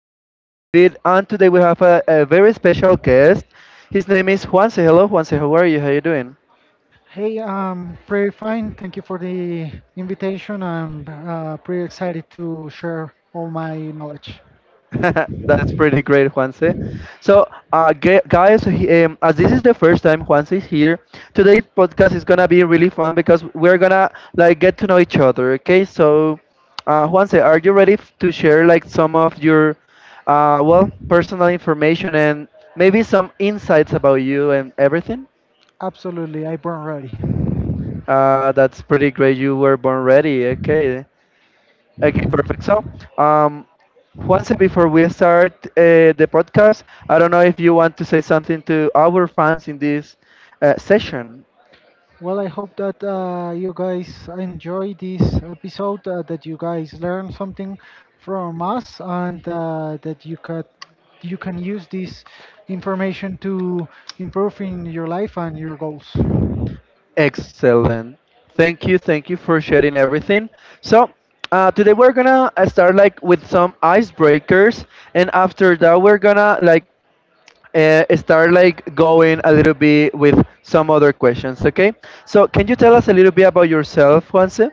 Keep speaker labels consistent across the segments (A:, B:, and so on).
A: here with David, and today we have a very special guest. His name is Juanse. Hello, Juanse. How are you? How are you doing?
B: Hey, I'm pretty fine. Thank you for the invitation. I'm pretty excited to share all my knowledge.
A: That's pretty great, Juanse. So, as this is the first time Juanse is here, today's podcast is gonna be really fun because we're gonna like get to know each other. Okay, so, Juanse, are you ready f- to share like some of your, well, personal information and maybe some insights about you and everything?
B: Absolutely, I burn ready.
A: That's pretty great. You were born ready. Okay. Okay, perfect. So, um, once before we start the podcast, I don't know if you want to say something to our fans in this session.
B: Well, I hope that you guys enjoy this episode, that you guys learn something from us, and that you can use this information to improve in your life and your goals.
A: Excellent. Thank you for sharing everything. So, today we're gonna start like with some icebreakers, and after that we're gonna like start like going a little bit with some other questions. Okay. So, can you tell us a little bit about yourself, Juanse?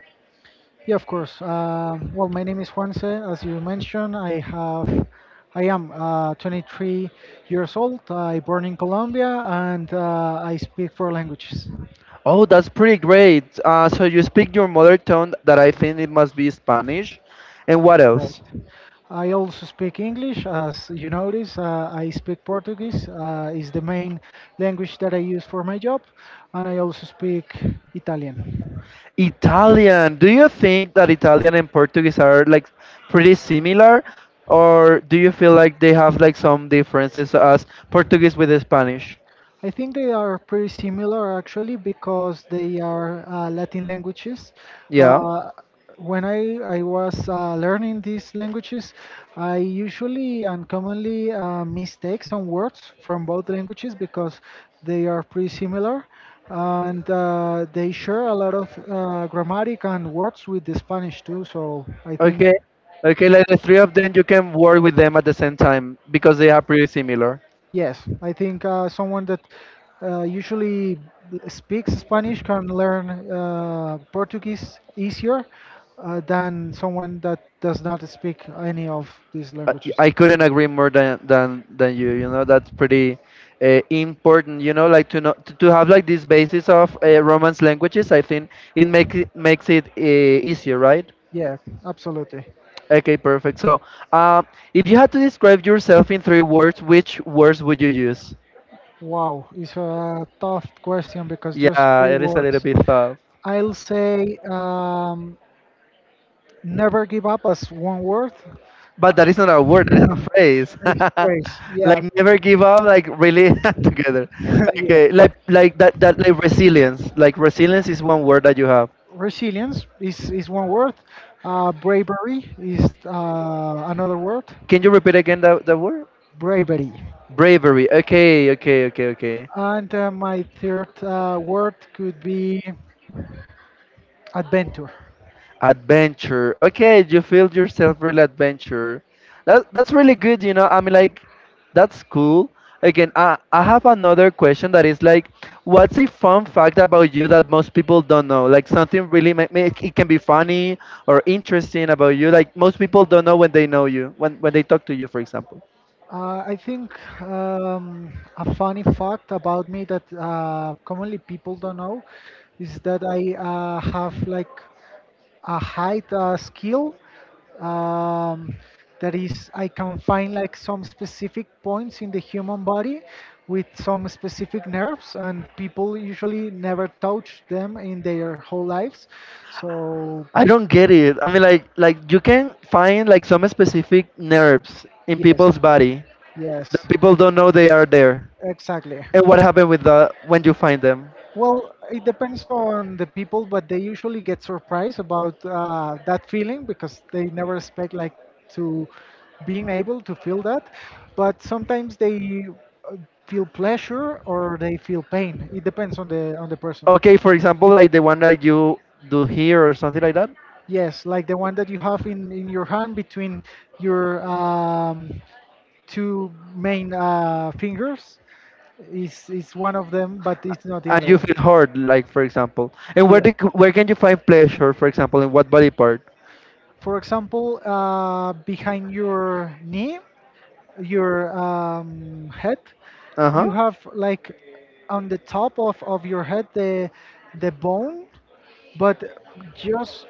B: Yeah, of course. Well, my name is Juanse. As you mentioned, I am 23 years old. I born in Colombia, and I speak four languages.
A: Oh, that's pretty great. So you speak your mother tongue that I think it must be Spanish. And what else?
B: Correct. I also speak English, as you notice. I speak Portuguese. Is the main language that I use for my job, and I also speak Italian.
A: Italian. Do you think that Italian and Portuguese are like pretty similar? Or do you feel like they have like some differences as Portuguese with Spanish?
B: I think they are pretty similar actually because they are Latin languages.
A: Yeah.
B: Uh, when I was learning these languages, I usually and commonly mistake some words from both languages because they are pretty similar and they share a lot of grammatic and words with the Spanish too. So I think.
A: Okay. Okay, like the three of them, you can work with them at the same time because they are pretty similar.
B: Yes, I think someone that usually speaks Spanish can learn Portuguese easier than someone that does not speak any of these
A: I
B: languages.
A: I couldn't agree more than you. You know, that's pretty important. You know, like to know to have like this basis of Romance languages. I think it makes it easier, right?
B: Yeah, absolutely.
A: Okay, perfect. So, um, if you had to describe yourself in three words, which words would you use?
B: Wow, it's a tough question because just
A: Yeah,
B: three
A: it is a little
B: words.
A: bit tough.
B: I'll say. Never give up as one word.
A: But
B: Uh,
A: that is not a word, that is a phrase.
B: it's phrase. Yeah.
A: Like never give up, like really together.
B: yeah.
A: Okay, like that like resilience. Like resilience is one word that you have.
B: Resilience is one word. Bravery is another word.
A: Can you repeat again the word?
B: Bravery.
A: Bravery. Okay, okay, okay, okay.
B: And my third word could be adventure.
A: Adventure. Okay, you feel yourself real adventure. That that's really good, you know. I mean like that's cool. Again, I have another question that is like what's a fun fact about you that most people don't know? Like something really it can be funny or interesting about you. Like most people don't know when they know you, when they talk to you, for example.
B: I think a funny fact about me that commonly people don't know is that I have like a height skill um, that is I can find like some specific points in the human body with some specific nerves and people usually never touch them in their whole lives so.
A: I don't get it. I mean, like you can find like some specific nerves in
B: Yes.
A: people's body that
B: Yes.
A: people don't know they are there,
B: Exactly.
A: and what happened with the when you find them.
B: Well, it depends on the people, but they usually get surprised about that feeling because they never expect like to being able to feel that. But sometimes they uh, feel pleasure or they feel pain. It depends on the person.
A: Okay, for example, like the one that you do here or something like that,
B: Yes, like the one that you have in your hand between your two main fingers is one of them, but it's not the
A: and
B: only
A: you
B: one.
A: feel hurt, like for example. And where
B: Yeah.
A: the, where can you find pleasure, for example, in what body part?
B: For example, behind your knee, your head,
A: Uh
B: you
A: huh.
B: have like on the top of your head the bone, but just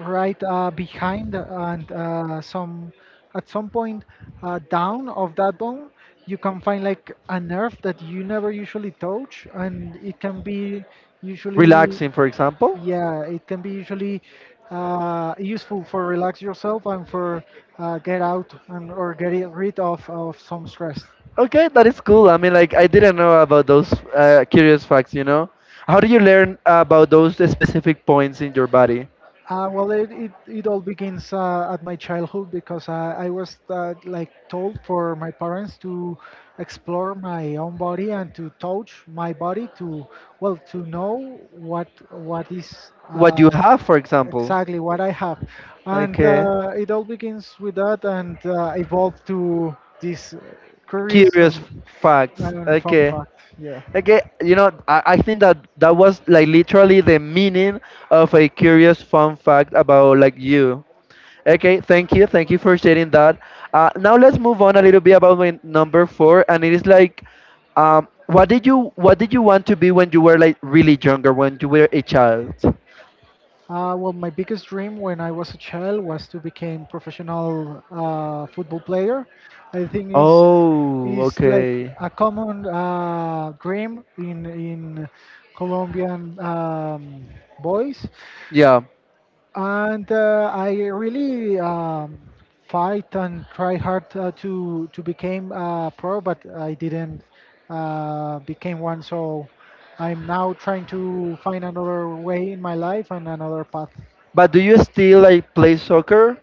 B: right behind and some at some point down of that bone, you can find like a nerve that you never usually touch, and it can be usually.
A: Relaxing, for example.
B: Yeah, it can be usually useful for relax yourself and for get out and or get it rid of some stress.
A: Okay, that is cool. I mean, like I didn't know about those curious facts. You know, how do you learn about those specific points in your body?
B: Well, it all begins at my childhood because I was like told for my parents to explore my own body and to touch my body to well to know what is
A: What you have, for example.
B: exactly what I have. And
A: Okay.
B: it all begins with that and evolved to this curious
A: Curious
B: and,
A: facts.
B: and fun
A: Okay.
B: fact. Yeah.
A: Okay. You know, I think that that was like literally the meaning of a curious fun fact about like you. Okay. Thank you. Thank you for sharing that. Now let's move on a little bit about my number four, and it is like, what did you want to be when you were like really younger, when you were a child?
B: Well, my biggest dream when I was a child was to become professional football player. I think
A: Oh,
B: is like
A: okay.
B: a common dream in Colombian boys.
A: Yeah.
B: And I really fight and try hard to become a pro, but I didn't became one. So I'm now trying to find another way in my life and another path.
A: But do you still like play soccer?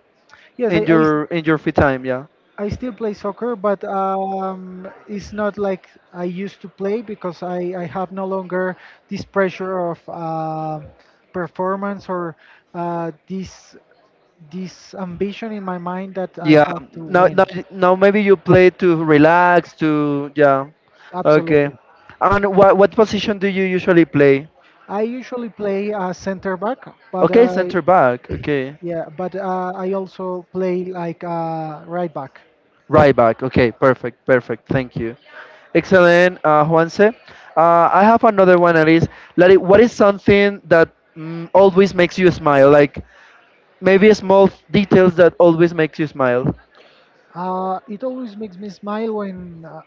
B: Yes,
A: In your in your free time, yeah.
B: I still play soccer, but it's not like I used to play because I have no longer this pressure of performance or uh, this this ambition in my mind that I
A: Yeah,
B: have to
A: now
B: win.
A: maybe you play to relax to, yeah. Okay,
B: Absolutely.
A: and what position do you usually play?
B: I usually play center back. But
A: Okay, center
B: I
A: back, okay.
B: Yeah, but I also play like right back.
A: Right back, okay, perfect, perfect, thank you. Excellent, Juanse, I have another one that is like what is something that always makes you smile, like maybe small details that always makes you smile.
B: It always makes me smile when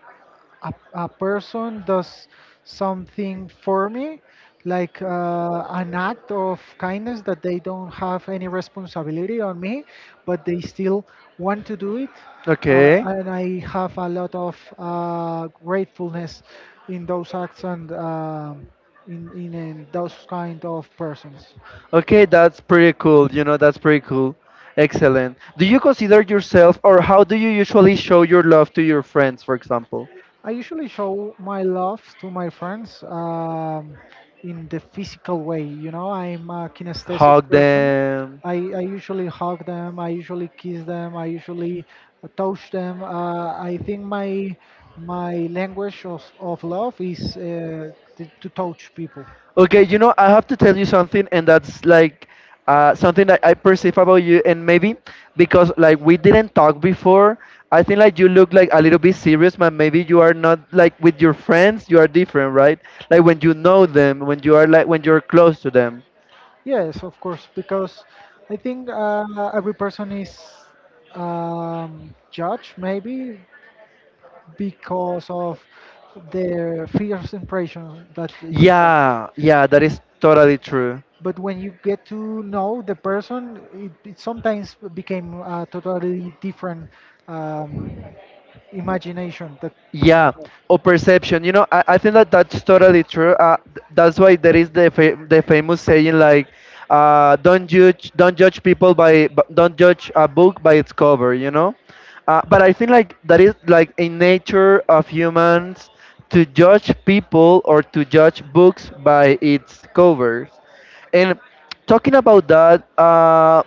B: a, a person does something for me, like an act of kindness that they don't have any responsibility on me, but they still want to do it.
A: Okay.
B: And I have a lot of gratefulness in those acts and in those kind of persons.
A: Okay, that's pretty cool. You know, that's pretty cool. Excellent. Do you consider yourself, or how do you usually show your love to your friends, for example?
B: I usually show my love to my friends in the physical way. You know, I'm a kinesthetic
A: Hug
B: person.
A: them.
B: I usually hug them. I usually kiss them. I usually touch them. I think my language of love is to touch people.
A: Okay, you know, I have to tell you something, and that's like something that I perceive about you, and maybe because like we didn't talk before, I think like you look like a little bit serious, but maybe you are not like with your friends, you are different, right? Like when you know them, when you are like when you're close to them.
B: Yes, of course, because I think every person is judged maybe because of the first impression that you have.
A: Yeah, yeah, that is totally true.
B: But when you get to know the person, it sometimes became a totally different um, imagination that you
A: Yeah,
B: have.
A: or perception. You know, I think that that's totally true. That's why there is the the famous saying like, don't judge people don't judge a book by its cover. You know, but I think like that is like a nature of humans to judge people or to judge books by its covers. And talking about that,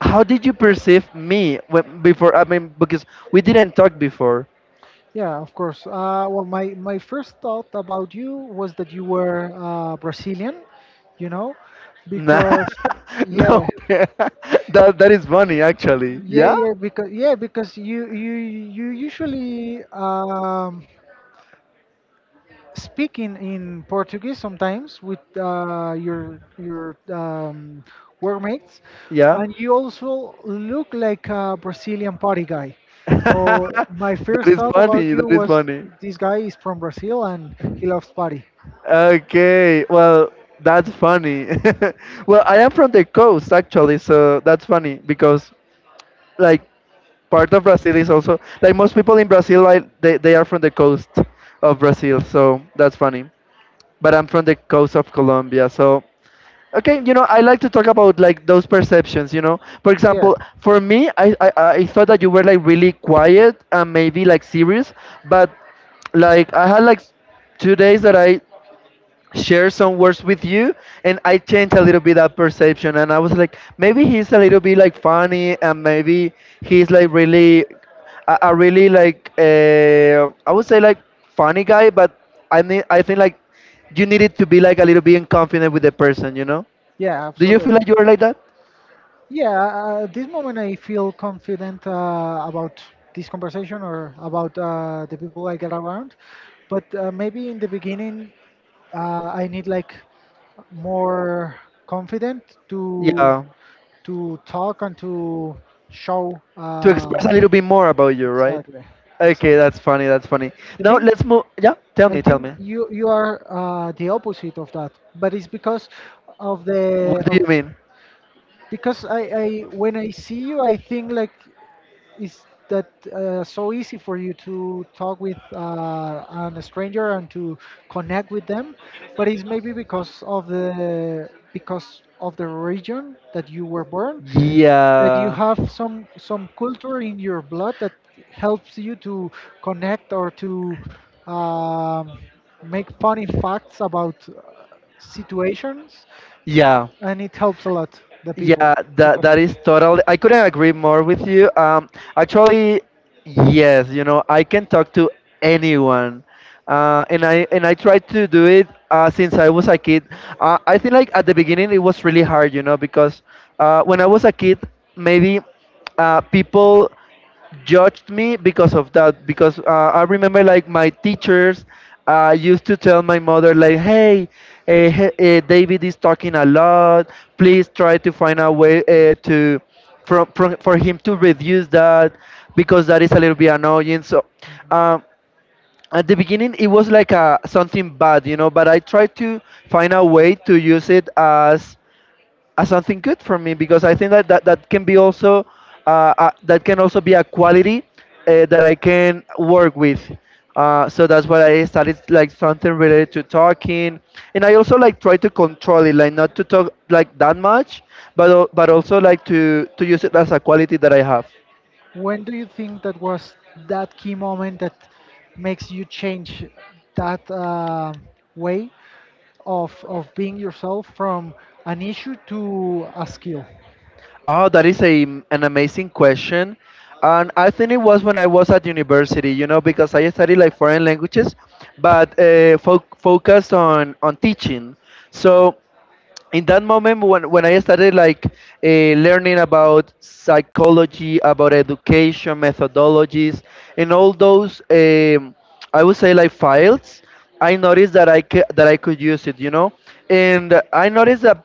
A: how did you perceive me when, before? I mean, because we didn't talk before.
B: Yeah, of course. Well, my first thought about you was that you were Brazilian, you know,
A: Nah,
B: because yeah,
A: no, that that is funny actually.
B: yeah,
A: Yeah,
B: yeah, because you usually speaking in Portuguese sometimes with your workmates,
A: yeah,
B: and you also look like a Brazilian party guy. So my
A: that
B: first
A: is
B: thought about
A: funny.
B: you
A: That is
B: was
A: funny.
B: this guy is from Brazil and he loves party.
A: Okay, well, that's funny. Well, I am from the coast actually, so that's funny because like part of Brazil is also like most people in Brazil like they are from the coast of Brazil, so that's funny. But I'm from the coast of Colombia, so okay, you know, I like to talk about like those perceptions, you know. For
B: Yeah,
A: example, for me, I thought that you were like really quiet and maybe like serious, but like I had like 2 days that I shared some words with you and I changed a little bit that perception and I was like, maybe he's a little bit like funny and maybe he's like really a really like I would say like funny guy, but I mean I think like you needed to be like a little bit confident with the person, you know?
B: yeah,
A: Do you feel
B: absolutely.
A: like you are like that?
B: Yeah, at this moment I feel confident about this conversation or about the people I get around. But maybe in the beginning, I need like more confident. Yeah. to
A: Yeah.
B: to talk and to show.
A: To express a little bit more about you, right?
B: Exactly,
A: Okay,
B: exactly.
A: that's funny. That's funny.
B: I
A: Now
B: think
A: let's move. Yeah, tell
B: I
A: me,
B: think
A: tell me.
B: you are the opposite of that, but it's because of the
A: What do
B: of
A: you mean?
B: because I when I see you, I think like is that so easy for you to talk with an stranger and to connect with them but it's maybe because of the region that you were born that you
A: Yeah.
B: have some culture in your blood that helps you to connect or to um, make funny facts about situations
A: Yeah.
B: and it helps a lot the people
A: Yeah,
B: to
A: that that
B: connect.
A: is totally. I couldn't agree more with you. Actually, yes, you know, I can talk to anyone, and I tried to do it since I was a kid. I think like at the beginning it was really hard, you know, because when I was a kid, maybe people judged me because of that because I remember like my teachers used to tell my mother like, hey, David is talking a lot, please try to find a way to from for him to reduce that because that is a little bit annoying, so um, at the beginning it was like something bad, you know, but I tried to find a way to use it as something good for me because I think that that can be also that can also be a quality that I can work with. So that's why I started like something related to talking, and I also like try to control it, like not to talk like that much, but but also like to use it as a quality that I have.
B: When do you think that was that key moment that makes you change that way of being yourself from an issue to a skill?
A: Oh, that is a an amazing question, and I think it was when I was at university. You know, because I studied like foreign languages, but focused on teaching. So in that moment when I started like learning about psychology, about education methodologies and all those I would say like files, I noticed that that I could use it, you know, and I noticed that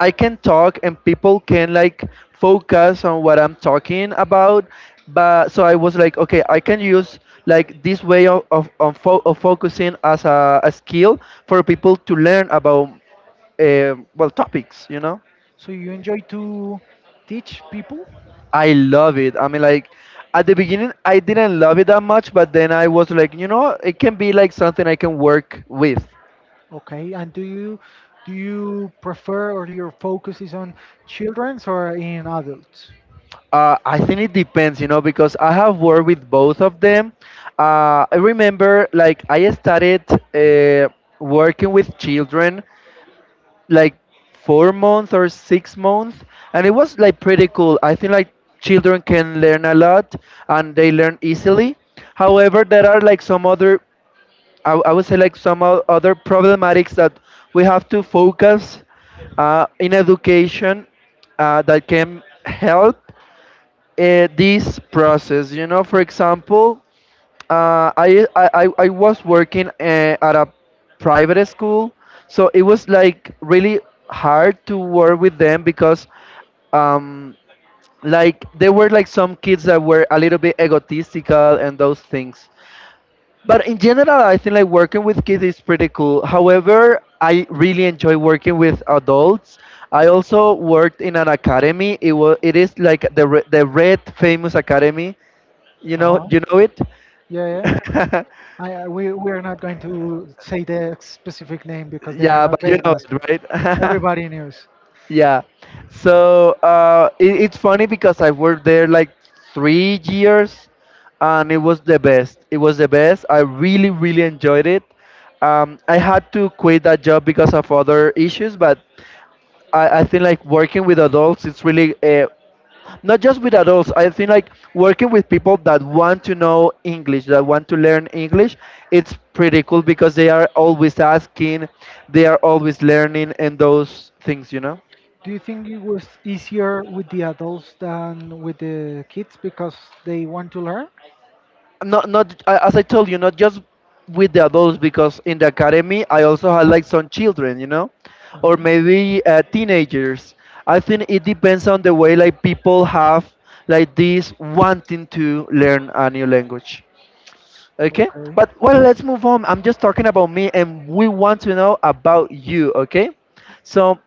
A: I can talk and people can like focus on what I'm talking about. But so I was like, okay, I can use like this way of focusing as a skill for people to learn about well, topics, you know.
B: So you enjoy to teach people,
A: I love it. I mean like at the beginning I didn't love it that much, but then I was like, you know, it can be like something I can work with.
B: okay? And do you prefer or your focus is on childrens or in adults?
A: I think it depends, you know, because I have worked with both of them. I remember like I started uh, working with children like 4 months or 6 months, and it was like pretty cool. I think like children can learn a lot and they learn easily. However, there are like some other, I would say like some other problematics that we have to focus in education that can help this process. You know, for example, I was working at a private school, so it was like really hard to work with them because um, like there were like some kids that were a little bit egotistical and those things. But in general, I think like working with kids is pretty cool. However, I really enjoy working with adults. I also worked in an academy. It is like the Red Famous Academy.
B: Uh huh.
A: You know it.
B: Yeah, yeah. I we are not going to say the specific name because they are
A: Yeah,
B: not
A: but you
B: paying
A: know
B: us, but
A: it, right?
B: everybody knows.
A: Yeah. So it's funny because I worked there like 3 years, and it was the best. It was the best. I really, really enjoyed it. I had to quit that job because of other issues, but I think like working with adults, it's really not just with adults. I think like working with people that want to know English, that want to learn English, it's pretty cool because they are always asking, they are always learning, and those things, you know.
B: Do you think it was easier with the adults than with the kids because they want to learn?
A: Not not a- As I told you, not just with the adults because in the academy I also had like some children, you know, or
B: Mhm.
A: maybe teenagers. I think it depends on the way like people have like this wanting to learn a new language. Okay,
B: Okay.
A: but well, let's move on. I'm just talking about me, and we want to know about you. Okay, so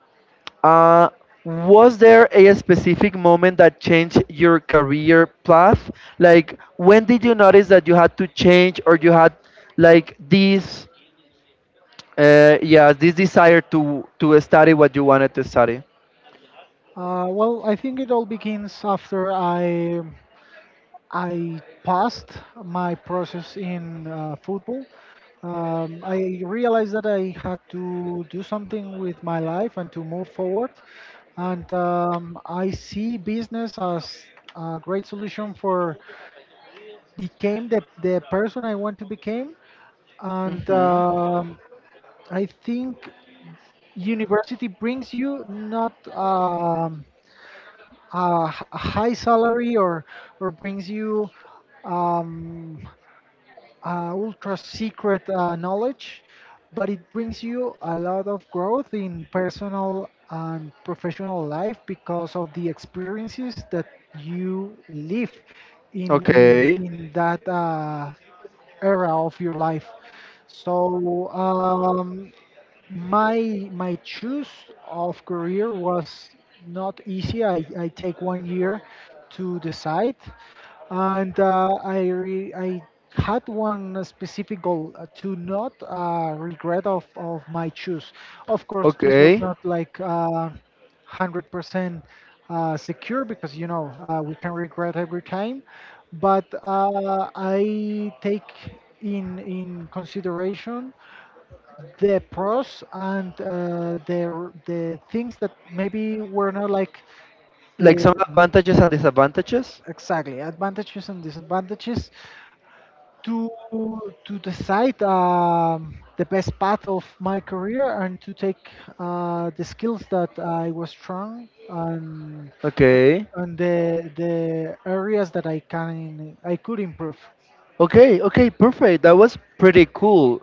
A: uh, was there a specific moment that changed your career path? Like, when did you notice that you had to change or you had like this, yeah, this desire to study what you wanted to study?
B: Well, I think it all begins after I passed my process in football. I realized that I had to do something with my life and to move forward. And I see business as a great solution for became the person I want to become and
A: Mm-hmm.
B: I think university brings you not a high salary or brings you um, ultra secret knowledge, but it brings you a lot of growth in personal and professional life because of the experiences that you live in in
A: Okay.
B: in that era of your life. So my choose of career was not easy. I take 1 year to decide, and I had one specific goal to not regret of my choose. Of course, this was
A: Okay.
B: not like 100% secure because you know we can regret every time, but I take in consideration the pros and the things that maybe were not like
A: Like
B: the.
A: some advantages and disadvantages?
B: Exactly, advantages and disadvantages to decide the best path of my career and to take the skills that I was strong and
A: Okay.
B: the areas that I could improve.
A: Okay, okay, perfect. That was pretty cool.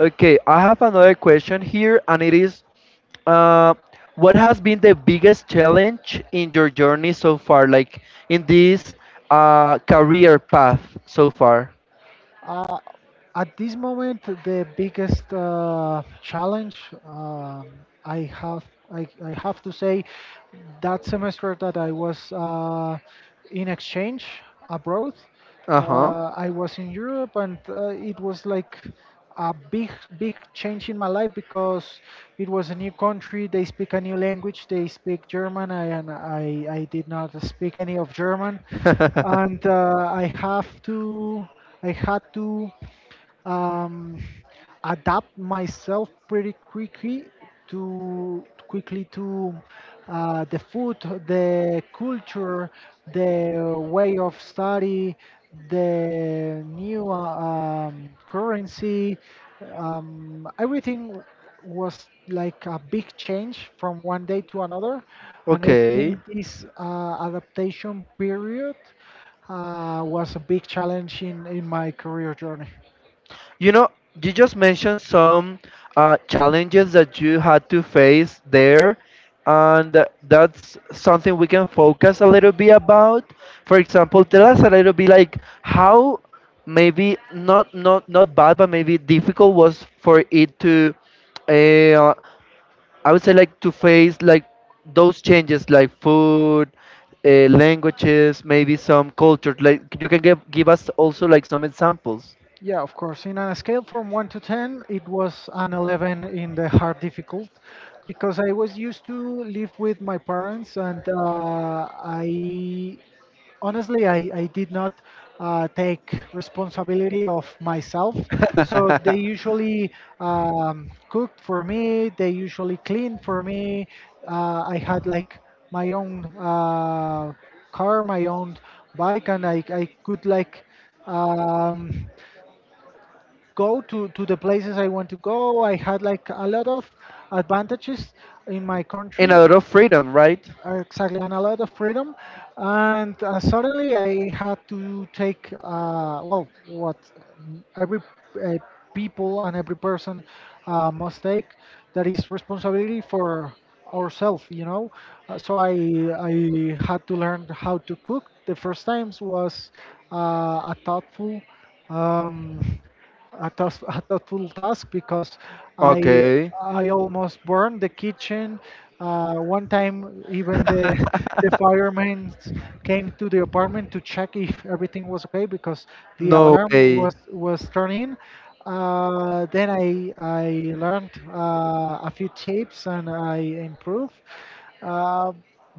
A: Okay, I have another question here, and it is uh, what has been the biggest challenge in your journey so far, like in this career path so far?
B: Uh, at this moment, the biggest challenge um I have, I have to say, that semester that I was in exchange abroad,
A: Uh
B: I was in Europe, and it was like a big, big change in my life because it was a new country. They speak a new language. They speak German, and I did not speak any of German,
A: huh.
B: and I have to. I had to um, adapt myself pretty quickly to the food, the culture, the way of study, the new currency. Everything was like a big change from one day to another, and I
A: Okay.
B: think this adaptation period was a big challenge in my career journey.
A: You know, you just mentioned some challenges that you had to face there, and that's something we can focus a little bit about. For example, tell us a little bit like how maybe not bad, but maybe difficult was for it to, uh, I would say like to face like those changes like food, languages, maybe some culture. Like you can give us also like some examples.
B: Yeah, of course. In a scale from 1 to 10, it was an 11 in the hard difficult because I was used to live with my parents and I honestly, I did not take responsibility of myself. So they usually cooked for me, they usually cleaned for me. I had like my own car, my own bike and I could like um, go to the places I want to go. I had like a lot of advantages in my
A: And
B: country.
A: a lot of freedom, right?
B: Exactly, and a lot of freedom. And suddenly I had to take, well, what every uh, people and every person must take, that is responsibility for ourselves, Uh, so I, I had to learn how to cook. The first times was a thoughtful um, a thoughtful task because I
A: Okay.
B: I almost burned the kitchen. One time, even the the firemen came to the apartment to check if everything was okay because the
A: No
B: alarm
A: way.
B: was turning. Then I learned a few tips and I improved. Uh,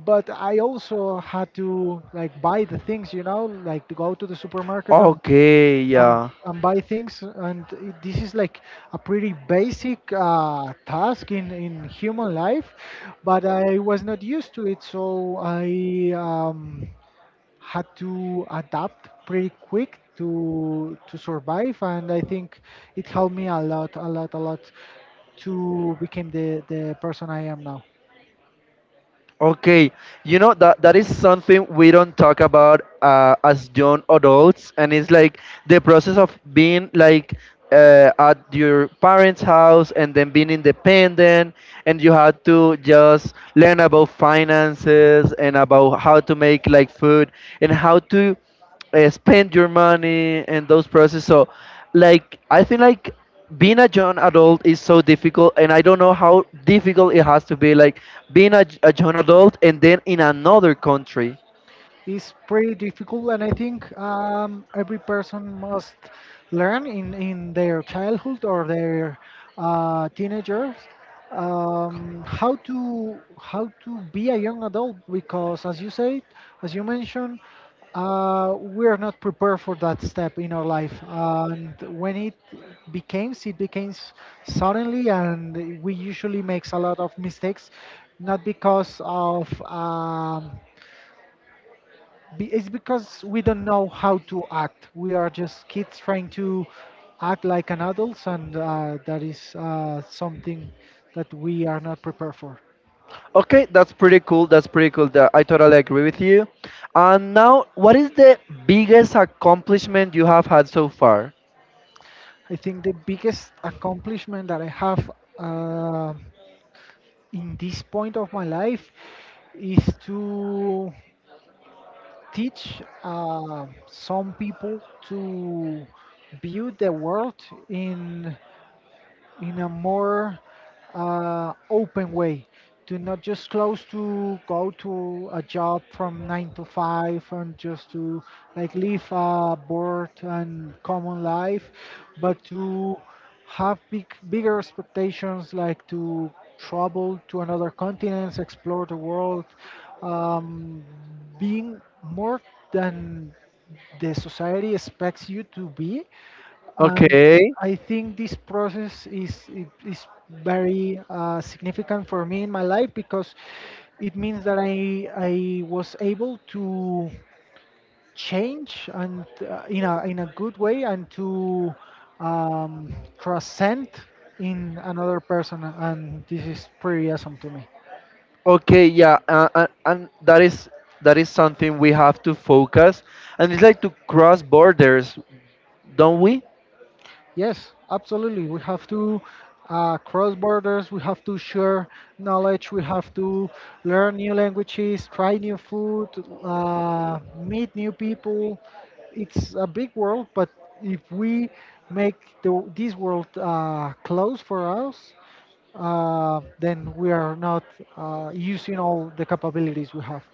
B: but I also had to like buy the things, you know, like to go to the supermarket
A: Okay,
B: um,
A: yeah.
B: and buy things. And this is like a pretty basic task in human life, but I was not used to it, so I had to adapt pretty quick to survive. And I think it helped me a lot, a lot, a lot to become the person I am now.
A: Okay, you know that that is something we don't talk about as young adults, and it's like the process of being like at your parents' house and then being independent, and you had to just learn about finances and about how to make like food and how to spend your money and those process. So, like, I think like being a young adult is so difficult, and I don't know how difficult it has to be. Like being a young adult and then in another country.
B: Is pretty difficult and I think every person must learn in their childhood or their teenagers, how to be a young adult because as you said, as you mentioned, we are not prepared for that step in our life and when it becomes suddenly and we usually makes a lot of mistakes, not because of it's because we don't know how to act. We are just kids trying to act like an adults, and that is something that we are not prepared for.
A: Okay, that's pretty cool. That's pretty cool. That I totally agree with you. And now, what is the biggest accomplishment you have had so far?
B: I think the biggest accomplishment that I have uh, in this point of my life is to teach some people to view the world in a more open way, to not just close to go to a job from nine to five and just to like live a bored and common life, but to have bigger expectations, like to travel to another continent, explore the world, um, being more than the society expects you to be. I
A: Okay.
B: I think this process is very significant for me in my life because it means that I was able to change and in a good way, and to transcend in another person, and this is pretty awesome to me.
A: Okay, yeah, and that is something we have to focus, and it's like to cross borders, don't we?
B: Yes, absolutely. We have to cross borders, we have to share knowledge, we have to learn new languages, try new food, meet new people. It's a big world, but if we make this world close for us, then we are not using all the capabilities we have.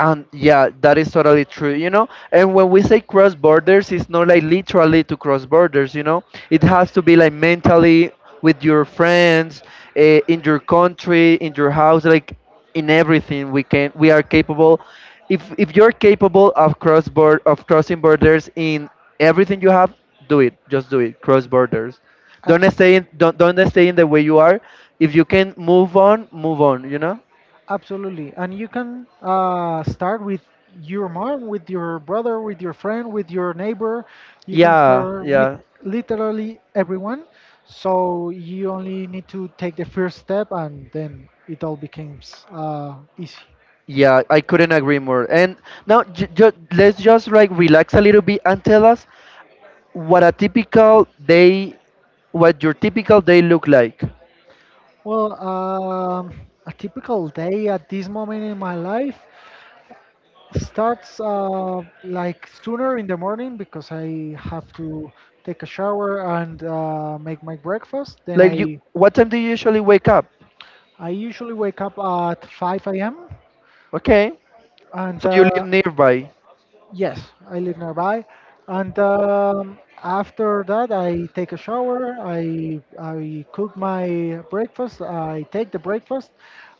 A: And yeah, that is totally true, you know. And when we say cross borders, it's not like literally to cross borders, you know. It has to be like mentally with your friends, in your country, in your house, like in everything we can we are capable. If you're capable of cross board of crossing borders in everything you have, do it. Just do it. Cross borders. Don't
B: Abs-
A: stay in don't don't stay in the way you are. If you can move on, move on, you know?
B: Absolutely. And you can start with your mom, with your brother, with your friend, with your neighbor. You can
A: Yeah,
B: start with
A: yeah.
B: literally everyone. So you only need to take the first step and then it all becomes easy.
A: Yeah, I couldn't agree more. And now, j- ju let's just like relax a little bit and tell us what a typical day, what your typical day look like.
B: Well, a typical day at this moment in my life starts like sooner in the morning because I have to take a shower and make my breakfast. Then
A: Like you,
B: I
A: what time do you usually wake up?
B: I usually wake up at 5 a.m.
A: Okay,
B: And
A: so you live nearby.
B: yes, I live nearby. And after that, I take a shower. I cook my breakfast. I take the breakfast,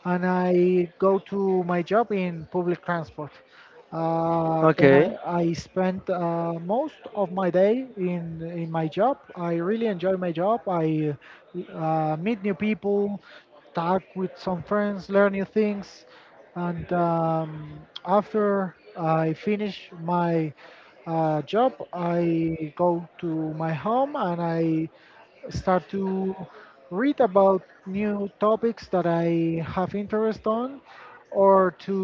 B: and I go to my job in public transport. Uh, then I,
A: Okay,
B: I spend most of my day in my job. I really enjoy my job. I meet new people, talk with some friends, learn new things. And after I finish my job, I go to my home and I start to read about new topics that I have interest on, or to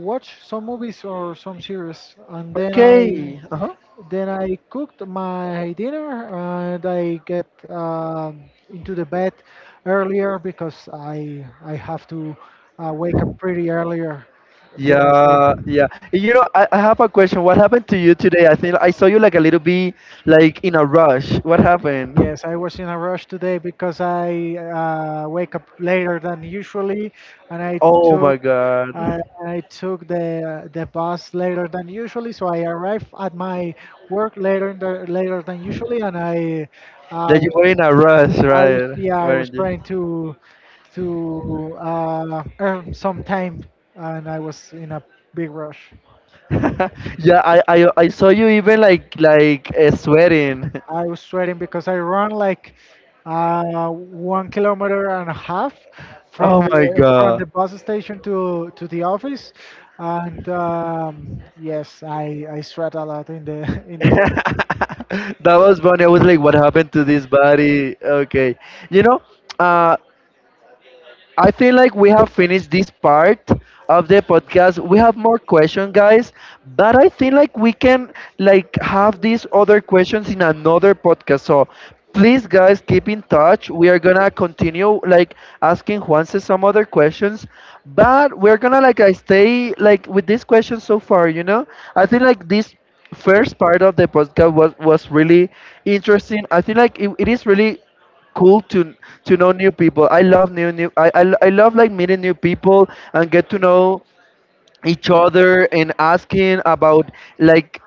B: watch some movies or some series. And then I
A: okay. Uh huh.
B: cooked my dinner and I get into the bed earlier because I have to wake up pretty earlier the next day.
A: Yeah, yeah. You know, I have a question. What happened to you today? I think I saw you like a little bit like in a rush. What happened?
B: Yes, I was in a rush today because I wake up later than usually, and
A: Oh my God,
B: I, I took the bus later than usually. So I arrived at my work later than usually, and uh,
A: that you were in a rush,
B: I was
A: right?
B: yeah, I was
A: Weren't you?
B: trying to earn some time, and I was in a big rush.
A: Yeah, I saw you even like sweating.
B: I was sweating because I ran like 1 kilometer and a half from
A: Oh my
B: the
A: god.
B: bus station to the office, and yes, I sweat a lot in the in the way.
A: That was funny. I was like, what happened to this body? Okay. You know, uh I feel like we have finished this part of the podcast. We have more questions, guys, but I think like we can like have these other questions in another podcast. So please, guys, keep in touch. We are gonna continue like asking Juanse some other questions, but we're gonna like I stay like with these questions so far. You know, I think like this first part of the podcast was really interesting. I think like it is really cool to know new people. I love new. I love like meeting new people and get to know each other and asking about like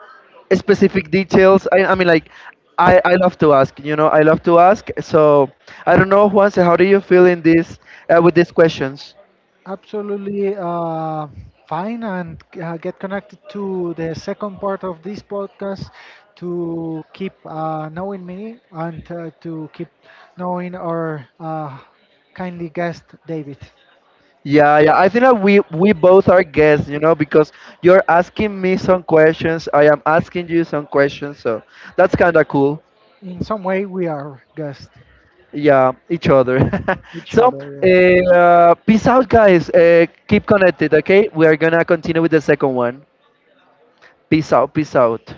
A: specific details. I mean like. I love to ask, you know, I love to ask. So I don't know, Juanse, how do you feel in this with these questions?
B: Absolutely fine, and get connected to the second part of this podcast to keep knowing me and to keep knowing our kindly guest, David.
A: Yeah, yeah. I think that we both are guests, you know, because you're asking me some questions, I am asking you some questions, so that's kind of cool.
B: In some way, we are guests,
A: Yeah, each other.
B: each
A: So,
B: other. Yeah.
A: peace out, guys. Keep connected, okay? We are gonna continue with the second one. Peace out, peace out.